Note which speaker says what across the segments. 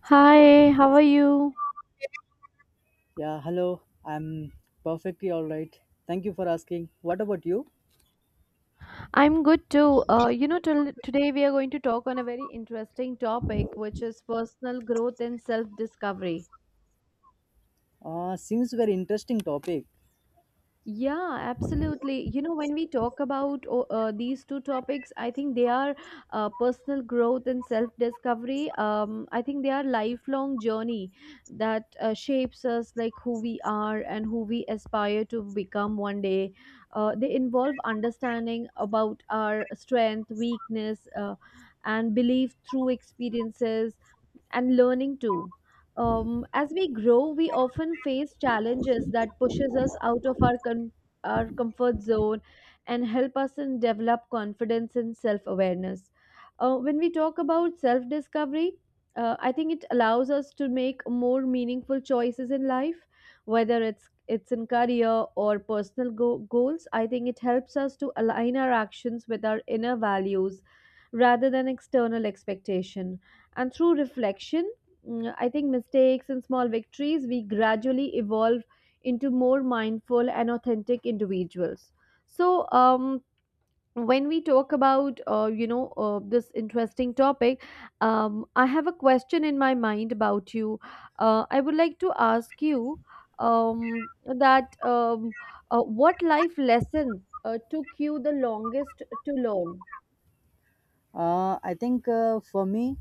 Speaker 1: Hi, how are you?
Speaker 2: Yeah, hello. I'm perfectly all right. Thank you for asking. What about you?
Speaker 1: I'm good too. Till today we are going to talk on a very interesting topic, which is personal growth and self-discovery.
Speaker 2: Seems very interesting topic.
Speaker 1: Yeah, absolutely. You know, when we talk about these two topics, I think they are personal growth and self-discovery. I think they are lifelong journey that shapes us like who we are and who we aspire to become one day. They involve understanding about our strength, weakness, and belief through experiences and learning too. As we grow, we often face challenges that pushes us out of our our comfort zone and help us in develop confidence and self awareness. When we talk about self discovery, I think it allows us to make more meaningful choices in life, whether it's in career or personal goals. I think it helps us to align our actions with our inner values rather than external expectation, and through reflection, I think mistakes and small victories, we gradually evolve into more mindful and authentic individuals. So, um, when we talk about this interesting topic, I have a question in my mind about you. I would like to ask you that what life lesson took you the longest to learn?
Speaker 2: I think for me,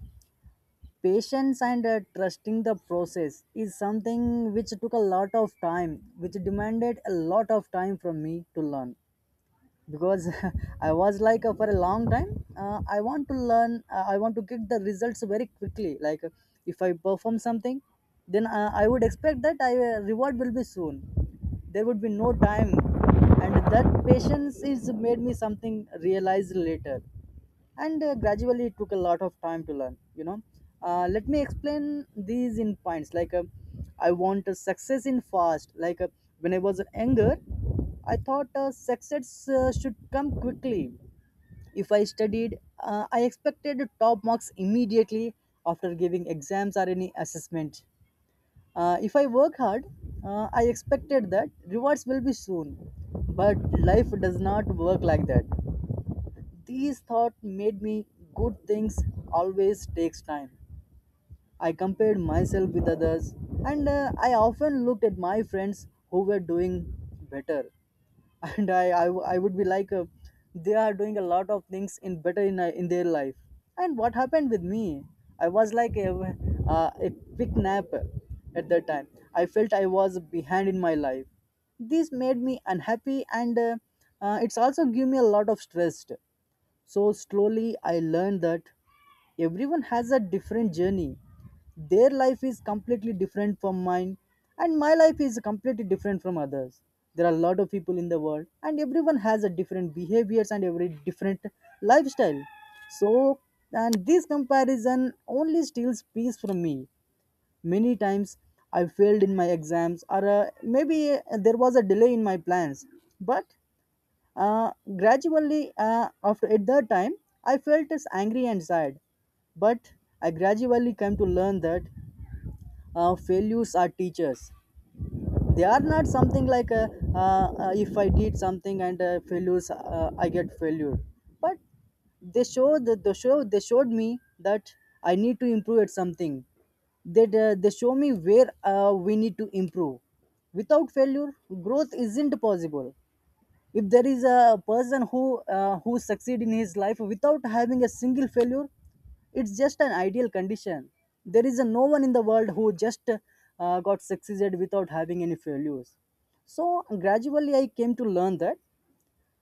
Speaker 2: patience and trusting the process is something which took a lot of time, which demanded a lot of time from me to learn, because I was like, for a long time I want to get the results very quickly, like if I perform something, then I would expect that I reward will be soon, there would be no time. And that patience is made me something realized later, and gradually it took a lot of time to learn, you know. Let me explain these in points, like I want a success in fast, like when I was younger, I thought success should come quickly. If I studied, I expected top marks immediately after giving exams or any assessment. If I work hard, I expected that rewards will be soon, but life does not work like that. These thoughts made me good things always takes time. I compared myself with others, and I often looked at my friends who were doing better. And I would be like, they are doing a lot of things in better in their life, and what happened with me, I was like a quick nap. At that time, I felt I was behind in my life. This made me unhappy, and it's also give me a lot of stress. So slowly I learned that everyone has a different journey. Their life is completely different from mine, and my life is completely different from others. There are a lot of people in the world, and everyone has a different behaviors and every different lifestyle. So, and this comparison only steals peace from me. Many times I failed in my exams, or maybe there was a delay in my plans. But uh, gradually, after at that time, I felt as angry and sad. But I gradually came to learn that failures are teachers. They are not something like if I did something and failures, I get failure. But they showed the show they showed me that I need to improve at something. They show me where we need to improve. Without failure, growth isn't possible. If there is a person who succeed in his life without having a single failure, it's just an ideal condition. There is a no one in the world who just got succeeded without having any failures. So gradually I came to learn that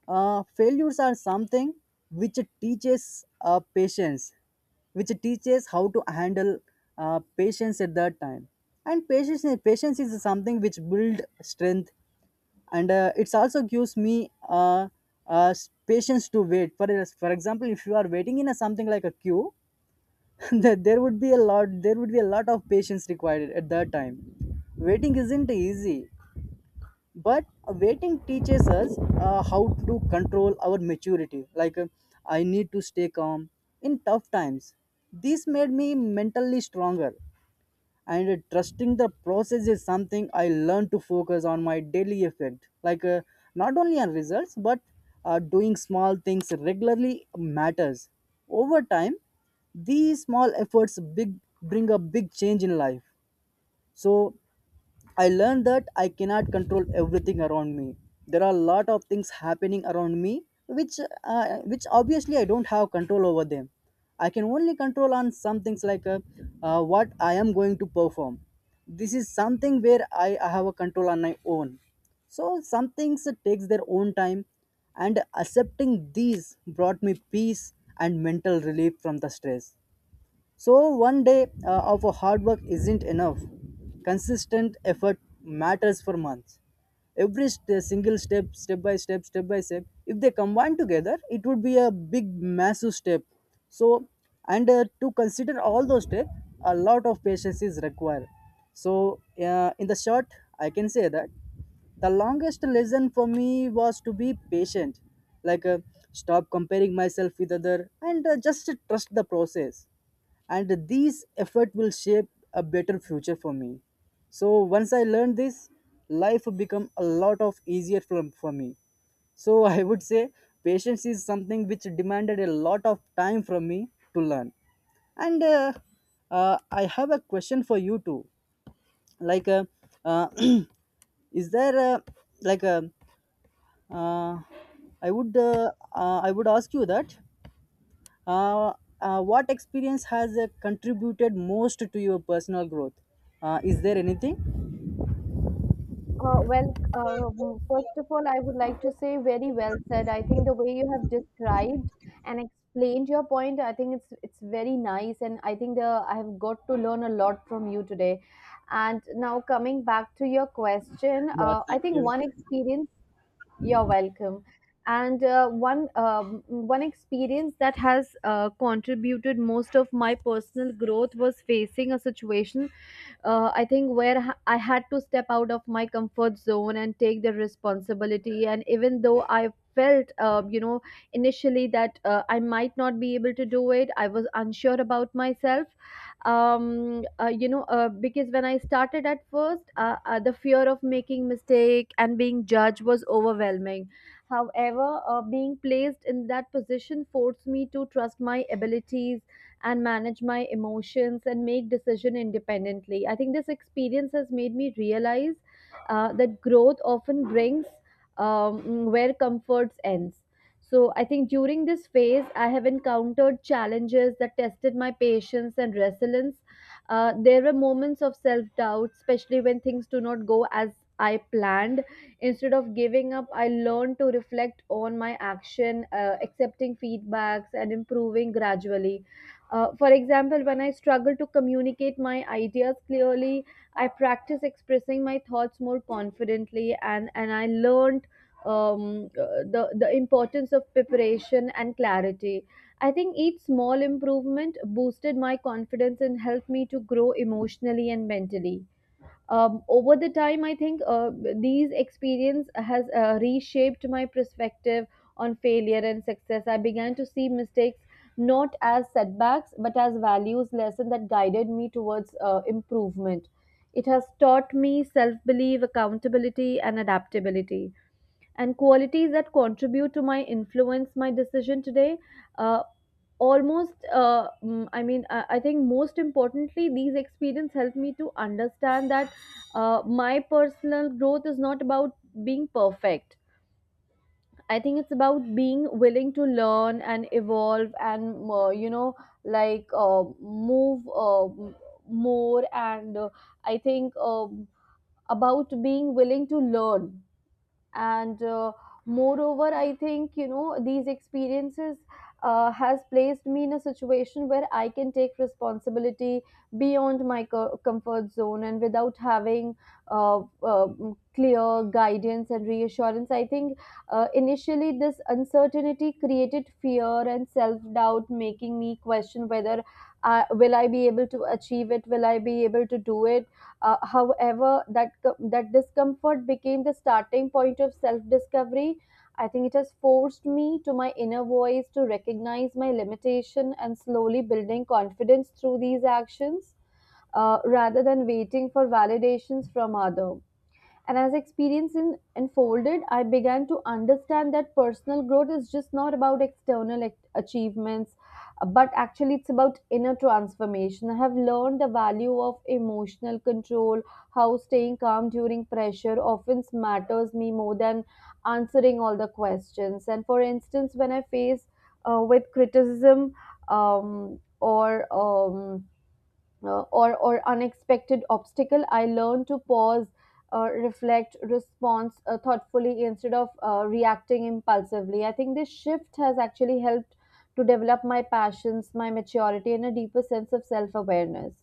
Speaker 2: failures are something which teaches patience, which teaches how to handle patience at that time. And patience is something which build strength, and it's also gives me patience to wait for, for example, if you are waiting in a something like a queue, that there would be a lot there would be a lot of patience required at that time. Waiting isn't easy, but waiting teaches us how to control our maturity, like I need to stay calm in tough times. This made me mentally stronger. And trusting the process is something I learned to focus on my daily effect, like not only on results, but doing small things regularly matters. Over time, these small efforts big bring a big change in life. So I learned that I cannot control everything around me. There are a lot of things happening around me, which obviously I don't have control over them. I can only control on some things, like what I am going to perform. This is something where I have a control on my own. So some things takes their own time, and accepting these brought me peace and mental relief from the stress. So, one day of a hard work isn't enough. Consistent effort matters for months. Every single step, step by step, step by step, if they combine together, it would be a big, massive step. So, and to consider all those steps, a lot of patience is required. So, in the short, I can say that the longest lesson for me was to be patient, like, stop comparing myself with other, and just trust the process, and these effort will shape a better future for me. So once I learned this, life become a lot of easier for me. So I would say patience is something which demanded a lot of time from me to learn. And I have a question for you too, like uh, is there a, like a, uh, I would I would ask you that uh, what experience has contributed most to your personal growth? Is there anything?
Speaker 1: First of all, I would like to say very well said. I think the way you have described and explained your point, I think it's very nice, and I think the I have got to learn a lot from you today. And now coming back to your question,
Speaker 2: Yeah,
Speaker 1: I
Speaker 2: thank
Speaker 1: think
Speaker 2: you.
Speaker 1: one experience. You're welcome. And one experience that has contributed most of my personal growth was facing a situation I think where I had to step out of my comfort zone and take the responsibility. And even though I felt, initially that I might not be able to do it, I was unsure about myself. Because when I started at first, the fear of making mistake and being judged was overwhelming. However, being placed in that position forced me to trust my abilities and manage my emotions and make decision independently. I think this experience has made me realize that growth often brings where comforts ends. So I think during this phase I have encountered challenges that tested my patience and resilience. There were moments of self-doubt, especially when things do not go as I planned. Instead of giving up, I learned to reflect on my action, accepting feedbacks and improving gradually. For example, when I struggle to communicate my ideas clearly, I practice expressing my thoughts more confidently, and I learned the importance of preparation and clarity. I think each small improvement boosted my confidence and helped me to grow emotionally and mentally. Over the time, I think these experience has reshaped my perspective on failure and success. I began to see mistakes not as setbacks but as values lesson that guided me towards improvement. It has taught me self belief, accountability and adaptability, and qualities that contribute to my influence my decision today. Uh, almost mm, I mean I think most importantly, these experience helped me to understand that my personal growth is not about being perfect. I think it's about being willing to learn and evolve, and you know like move m- more and I think about being willing to learn, and moreover, I think, you know, these experiences has placed me in a situation where I can take responsibility beyond my comfort zone and without having uh, uh, clear guidance and reassurance. I think initially this uncertainty created fear and self doubt, making me question whether will I be able to achieve it, will I be able to do it. However, that that discomfort became the starting point of self-discovery. I think it has forced me to my inner voice to recognize my limitation and slowly building confidence through these actions, rather than waiting for validations from others. And as experience in, unfolded, I began to understand that personal growth is just not about external achievements, but actually it's about inner transformation. I have learned the value of emotional control, how staying calm during pressure often matters me more than answering all the questions. And for instance, when I face with criticism um, or um, or unexpected obstacle, I learn to pause, reflect, respond thoughtfully instead of reacting impulsively. I think this shift has actually helped to develop my passions, my maturity, and a deeper sense of self awareness.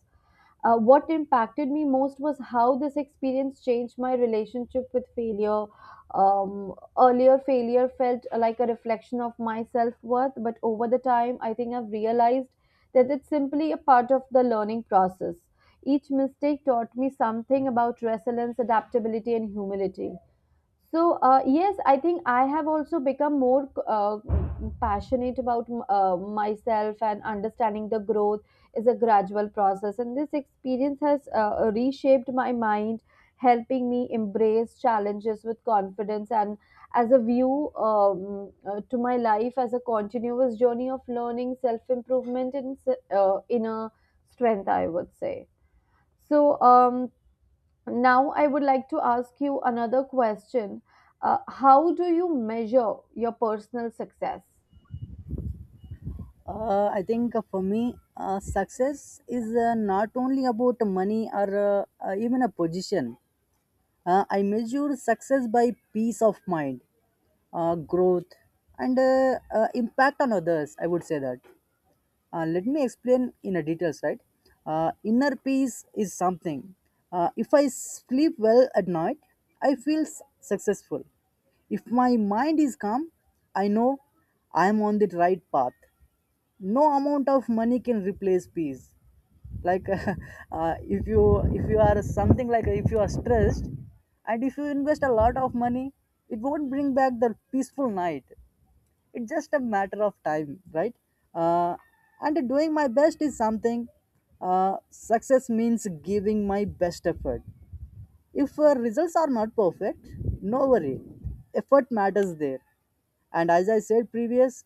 Speaker 1: What impacted me most was how this experience changed my relationship with failure. Earlier, failure felt like a reflection of my self worth, but over the time, I think I've realized that it's simply a part of the learning process. Each mistake taught me something about resilience, adaptability, and humility. So, yes, I think I have also become more passionate about myself, and understanding the growth is a gradual process. And this experience has reshaped my mind, helping me embrace challenges with confidence, and as a view to my life as a continuous journey of learning, self improvement, and inner strength, I would say. So, um, Now, I would like to ask you another question. How do you measure your personal success?
Speaker 2: I think, for me, success is not only about money or even a position. I measure success by peace of mind, growth, and impact on others. I would say that. Let me explain in a details, right? Inner peace is something. If I sleep well at night, I feel successful. If my mind is calm, I know I am on the right path. No amount of money can replace peace. Like, if you are something, like if you are stressed, and if you invest a lot of money, it won't bring back the peaceful night. It's just a matter of time, right? uh, and doing my best is something. Success means giving my best effort. If results are not perfect, no worry, effort matters there. And as I said previous,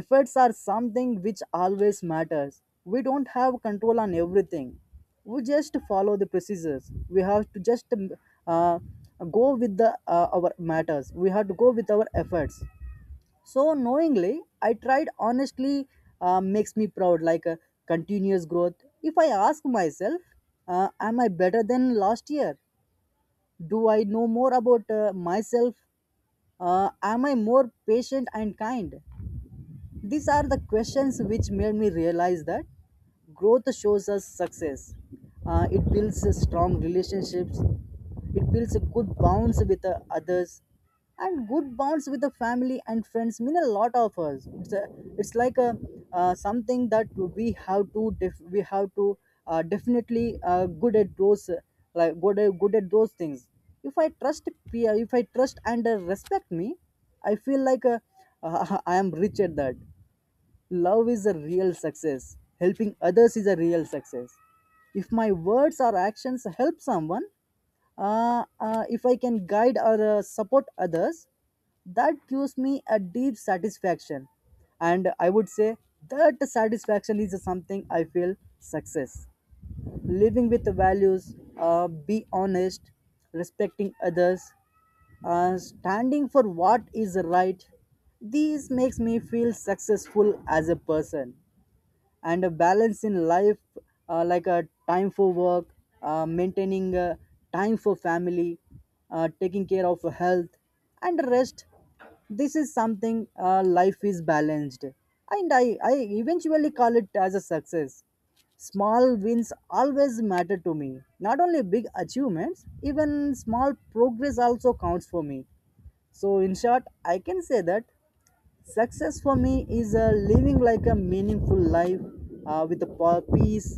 Speaker 2: efforts are something which always matters. We don't have control on everything. We just follow the procedures. We have to just uh, go with the, our matters. We have to go with our efforts. So knowingly I tried honestly, makes me proud, like a continuous growth. If I ask myself, am I better than last year? Do I know more about, myself? Am I more patient and kind? These are the questions which made me realize that growth shows us success. It builds a strong relationships. It builds a good bonds with the others, and good bonds with the family and friends mean a lot of us. It's a, it's like a, something that we have to definitely good at those, like good at those things. If I trust pe- if I trust and respect me, I feel like, I am rich at that. Love is a real success. Helping others is a real success. If my words or actions help someone, if I can guide or support others, that gives me a deep satisfaction. And I would say that satisfaction is something I feel success, living with values, be honest, respecting others, standing for what is right. These makes me feel successful as a person, and a balance in life, like a time for work, maintaining time for family, taking care of health and rest. This is something, life is balanced, and I eventually call it as a success. Small wins always matter to me, not only big achievements, even small progress also counts for me. So in short, I can say that success for me is living like a meaningful life, with a peace,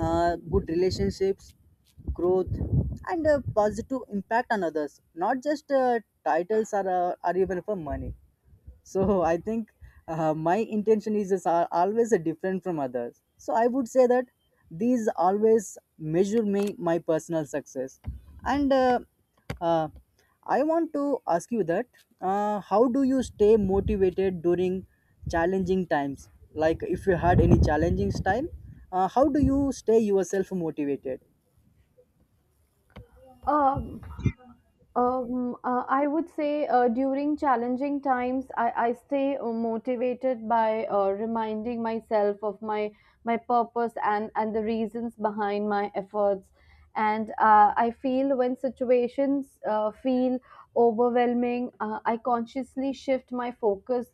Speaker 2: good relationships, growth, and a positive impact on others, not just titles, or or even for money. So I think my intention is always a different from others. So I would say that these always measure me my personal success. And uh, I want to ask you that, how do you stay motivated during challenging times, like if you had any challenging time, how do you stay yourself motivated?
Speaker 1: Um, I would say during challenging times, I stay motivated by reminding myself of my purpose and the reasons behind my efforts. And I feel when situations feel overwhelming, I consciously shift my focus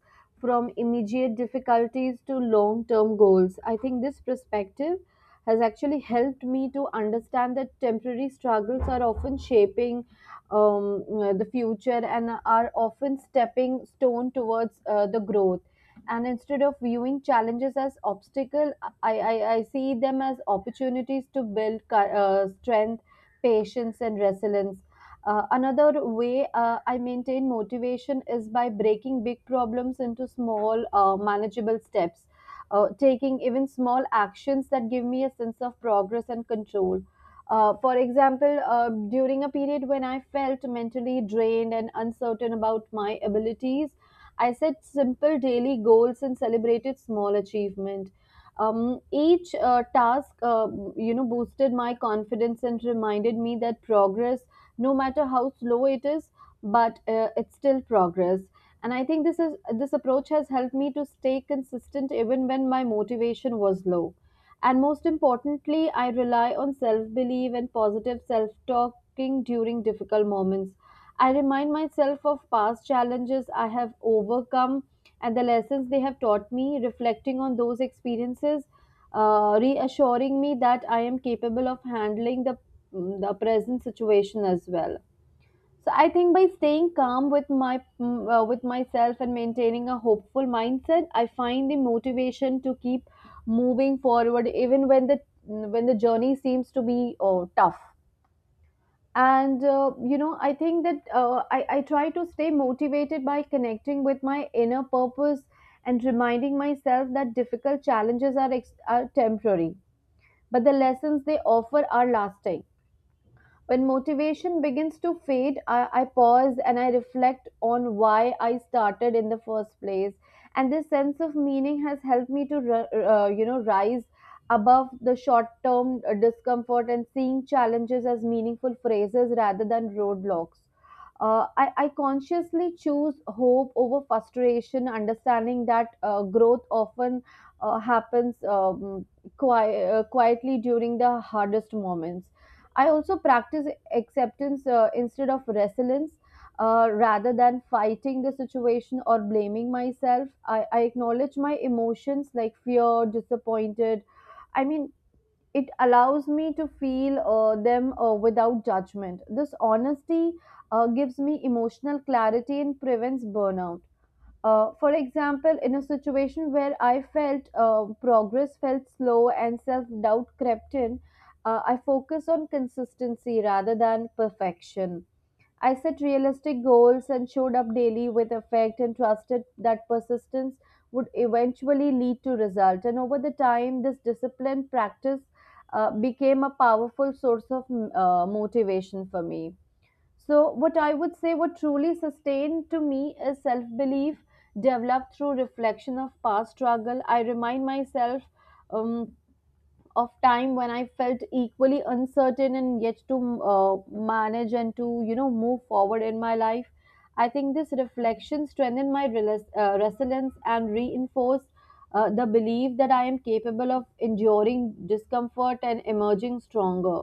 Speaker 1: from immediate difficulties to long-term goals. I think this perspective has actually helped me to understand that temporary struggles are often shaping the future and are often stepping stone towards the growth, and instead of viewing challenges as obstacle, I see them as opportunities to build strength, patience and resilience. Another way I maintain motivation is by breaking big problems into small, manageable steps, taking even small actions that give me a sense of progress and control. For example, during a period when I felt mentally drained and uncertain about my abilities, I set simple daily goals and celebrated small achievement. Each task, boosted my confidence and reminded me that progress, no matter how slow it is, but it's still progress. And I think this approach has helped me to stay consistent even when my motivation was low. And most importantly, I rely on self belief and positive self talking during difficult moments. I remind myself of past challenges I have overcome and the lessons they have taught me. Reflecting on those experiences, reassuring me that I am capable of handling the present situation as well. So I think by staying calm with with myself and maintaining a hopeful mindset, I find the motivation to keep moving forward even when when the journey seems to be tough. And I think that I try to stay motivated by connecting with my inner purpose and reminding myself that difficult challenges are are temporary, but the lessons they offer are lasting. When motivation begins to fade, I pause and I reflect on why I started in the first place. And this sense of meaning has helped me to, rise above the short-term discomfort and seeing challenges as meaningful phrases rather than roadblocks. I consciously choose hope over frustration, understanding that growth often happens quietly during the hardest moments. I also practice acceptance instead of resilience. Rather than fighting the situation or blaming myself, I acknowledge my emotions like fear, disappointed. I mean, it allows me to feel them without judgment. This honesty gives me emotional clarity and prevents burnout. For example, in a situation where I felt progress felt slow and self doubt crept in, I focused on consistency rather than perfection. I set realistic goals and showed up daily with effect, and trusted that persistence would eventually lead to result. And over the time, this disciplined practice became a powerful source of motivation for me. So, what I would say, what truly sustained to me is self belief developed through reflection of past struggle. I remind myself um, of time when I felt equally uncertain and yet to manage and to move forward in my life. I think this reflection strengthened my resilience and reinforced the belief that I am capable of enduring discomfort and emerging stronger.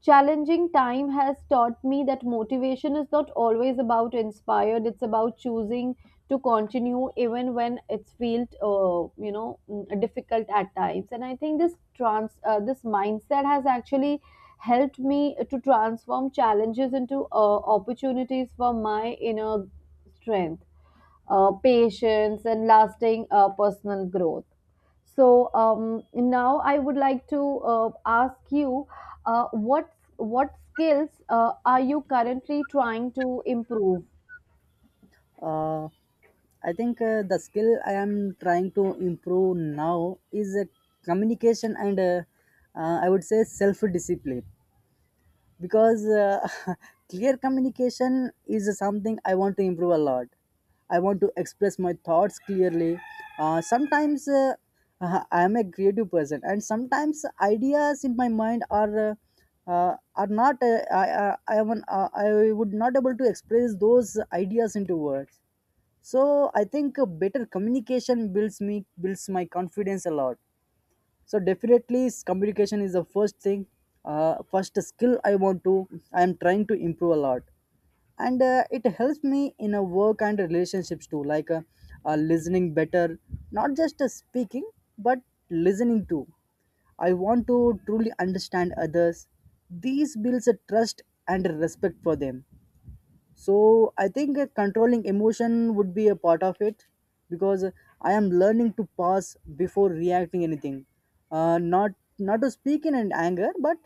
Speaker 1: Challenging time has taught me that motivation is not always about inspired, it's about choosing to continue even when it's felt difficult at times, and I think this mindset has actually helped me to transform challenges into opportunities for my inner strength, patience, and lasting personal growth. So now I would like to ask you, what skills are you currently trying to improve?
Speaker 2: Uh, I think, the skill I am trying to improve now is, communication, and I would say self discipline, because clear communication is something I want to improve a lot. I want to express my thoughts clearly. Sometimes I am a creative person, and sometimes ideas in my mind are not. I would not able to express those ideas into words, so I think a better communication builds my confidence a lot. So definitely communication is the first thing, first skill I am trying to improve a lot, and it helps me in a work and relationships too. Listening better, not just speaking, but listening too. I want to truly understand others. These builds a trust and a respect for them. So I think controlling emotion would be a part of it, because I am learning to pause before reacting anything. Not not to speak in an anger, but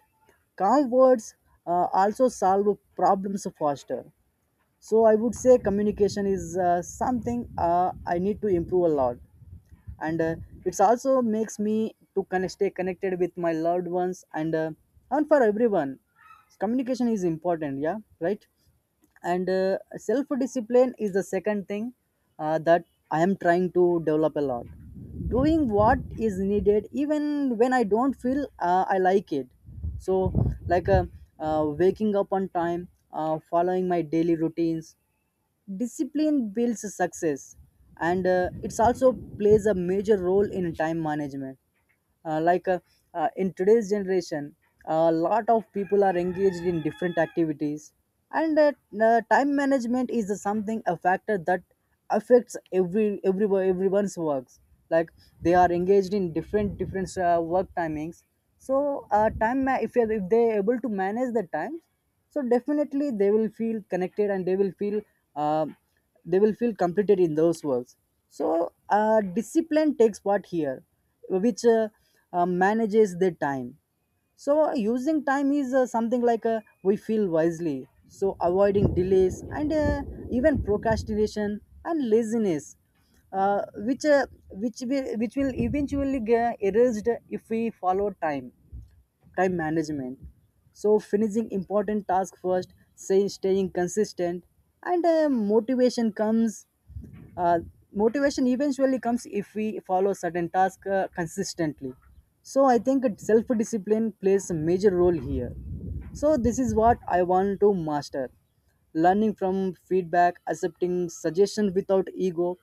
Speaker 2: calm words also solve problems faster. So I would say communication is something I need to improve a lot. And it's also makes me to stay connected with my loved ones, and for everyone communication is important. Yeah, right. And self discipline is the second thing that I am trying to develop a lot. Doing what is needed even when I don't feel I like it. So, like uh, waking up on time, following my daily routines. Discipline builds success, and it's also plays a major role in time management. uh, like uh, in today's generation, a lot of people are engaged in different activities, and time management is something a factor that affects every everyone's works. Like, they are engaged in different different work timings. So if they're able to manage the time, so definitely they will feel connected and they will feel, uh, they will feel completed in those works. So discipline takes part here, which manages their time. So using time is something like we feel wisely. So avoiding delays and even procrastination and laziness, which will eventually get erased if we follow time time management. So, finishing important tasks first, say, staying consistent, and motivation comes. Uh, Motivation eventually comes if we follow certain tasks consistently. So, I think self discipline plays a major role here. So, this is what I want to master: learning from feedback, accepting suggestions without ego,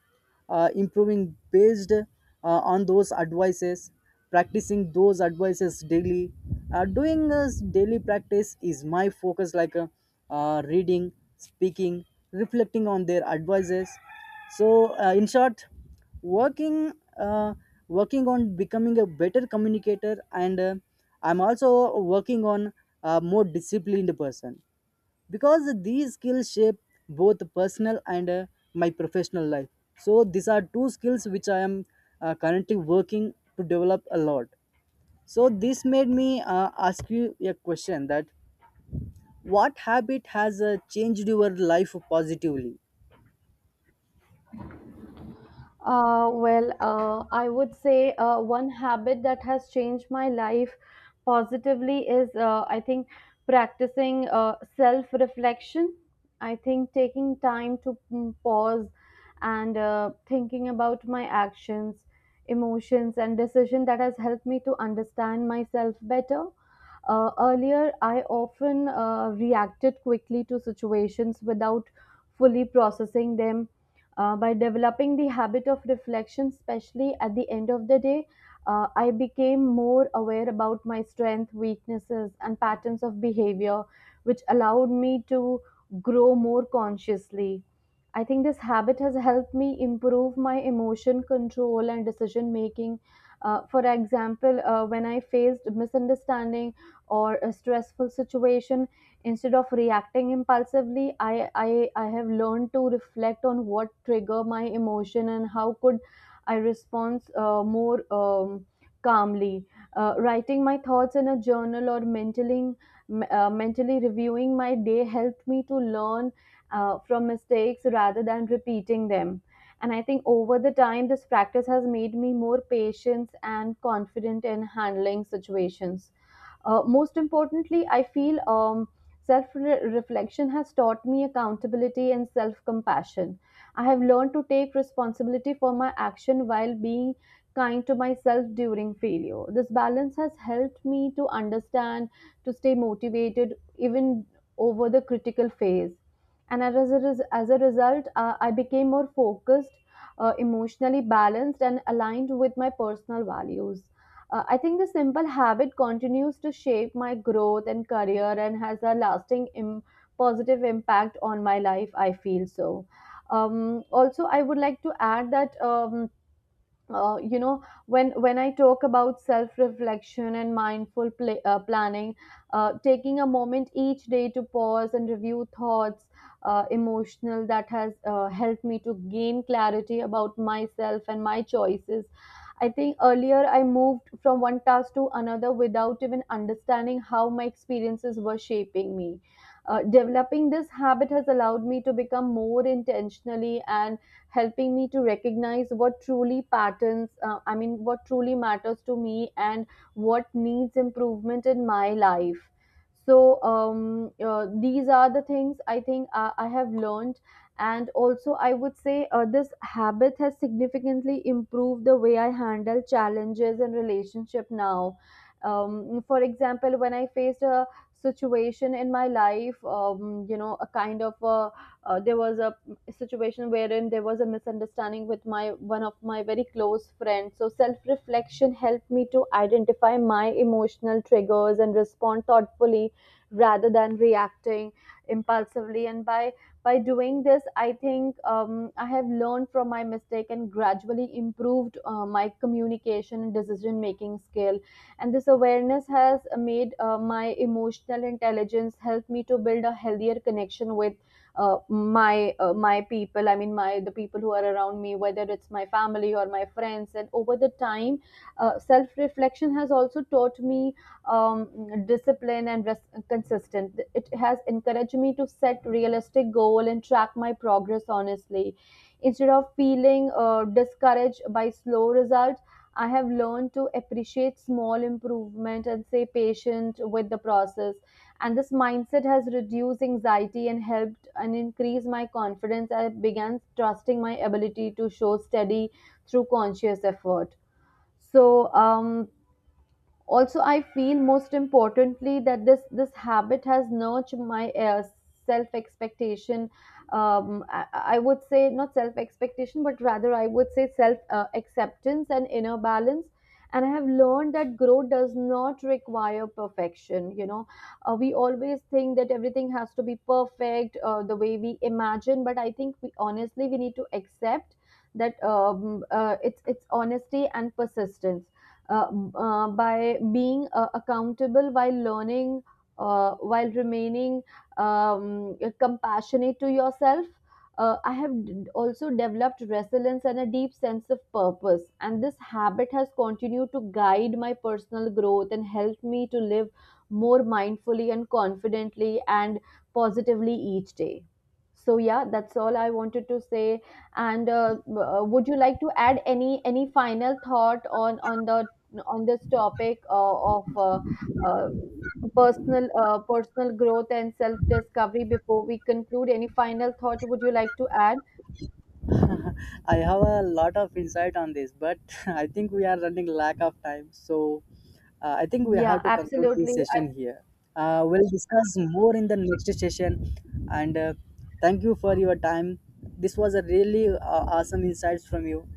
Speaker 2: improving based on those advices, practicing those advices daily. Doing a daily practice is my focus, like reading, speaking, reflecting on their advices. So, in short, working uh, working on becoming a better communicator, and I'm also working on a more disciplined person, because these skills shape both personal and my professional life. So these are two skills which I am currently working to develop a lot. So this made me ask you a question: that what habit has changed your life positively?
Speaker 1: Well, I would say one habit that has changed my life positively is, I think, practicing self reflection. I think taking time to pause and thinking about my actions, emotions, and decision that has helped me to understand myself better. Earlier, I often reacted quickly to situations without fully processing them. By developing the habit of reflection, especially at the end of the day, I became more aware about my strengths, weaknesses, and patterns of behavior, which allowed me to grow more consciously. I think this habit has helped me improve my emotion control and decision making. For example, when I faced misunderstanding or a stressful situation, instead of reacting impulsively, I have learned to reflect on what trigger my emotion and how could I respond more calmly. Writing my thoughts in a journal or mentally, mentally reviewing my day helped me to learn from mistakes rather than repeating them. And I think over the time, this practice has made me more patient and confident in handling situations. Most importantly, I feel self-reflection has taught me accountability and self-compassion. I have learned to take responsibility for my action while being kind to myself during failure. This balance has helped me to understand, to stay motivated even over the critical phase. And as as a result, I became more focused, emotionally balanced, and aligned with my personal values. I think the simple habit continues to shape my growth and career and has a lasting positive impact on my life. I feel so. Also, I would like to add that, when I talk about self reflection and mindful planning, taking a moment each day to pause and review thoughts, emotional, that has helped me to gain clarity about myself and my choices. I think earlier I moved from one task to another without even understanding how my experiences were shaping me. Developing this habit has allowed me to become more intentionally and helping me to recognize what truly patterns I mean what truly matters to me and what needs improvement in my life. So these are the things I think I have learned. And also I would say, this habit has significantly improved the way I handle challenges and relationship now. For example, when I faced a situation in my life, a kind of there was a situation wherein there was a misunderstanding with my one of my very close friends. So self reflection helped me to identify my emotional triggers and respond thoughtfully rather than reacting impulsively. And by doing this, I think, I have learned from my mistake and gradually improved my communication and decision making skill. And this awareness has made my emotional intelligence help me to build a healthier connection with my people, I mean my the people who are around me, whether it's my family or my friends. And over the time, self reflection has also taught me discipline and consistent. It has encouraged me to set realistic goal and track my progress honestly instead of feeling discouraged by slow results. I have learned to appreciate small improvement and stay patient with the process, and this mindset has reduced anxiety and helped and increased my confidence. I began trusting my ability to show steady through conscious effort. So also I feel, most importantly, that this habit has nurtured my self expectation. I would say not self expectation, but rather I would say self acceptance and inner balance. And I have learned that growth does not require perfection, you know. We always think that everything has to be perfect the way we imagine, but I think, we honestly, we need to accept that, it's honesty and persistence, uh, by being accountable while learning, while remaining compassionate to yourself. I have also developed resilience and a deep sense of purpose, and this habit has continued to guide my personal growth and help me to live more mindfully and confidently and positively each day. So yeah, that's all I wanted to say. And would you like to add any final thought on the on this topic of uh, personal growth and self discovery before we conclude? Any final thought would you like to add?
Speaker 2: I have a lot of insight on this, but I think we are running lack of time. So I think we
Speaker 1: Yeah,
Speaker 2: have to conclude
Speaker 1: absolutely.
Speaker 2: this session here. We'll discuss more in the next session. And Thank you for your time. This was a really awesome insights from you.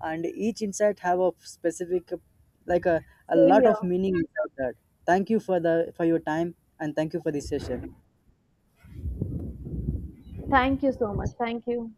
Speaker 2: And each insight have a specific, like a
Speaker 1: Same
Speaker 2: lot
Speaker 1: here.
Speaker 2: of meaning inside that. Thank you for the for your time, and thank you for this session.
Speaker 1: Thank you so much. Thank you.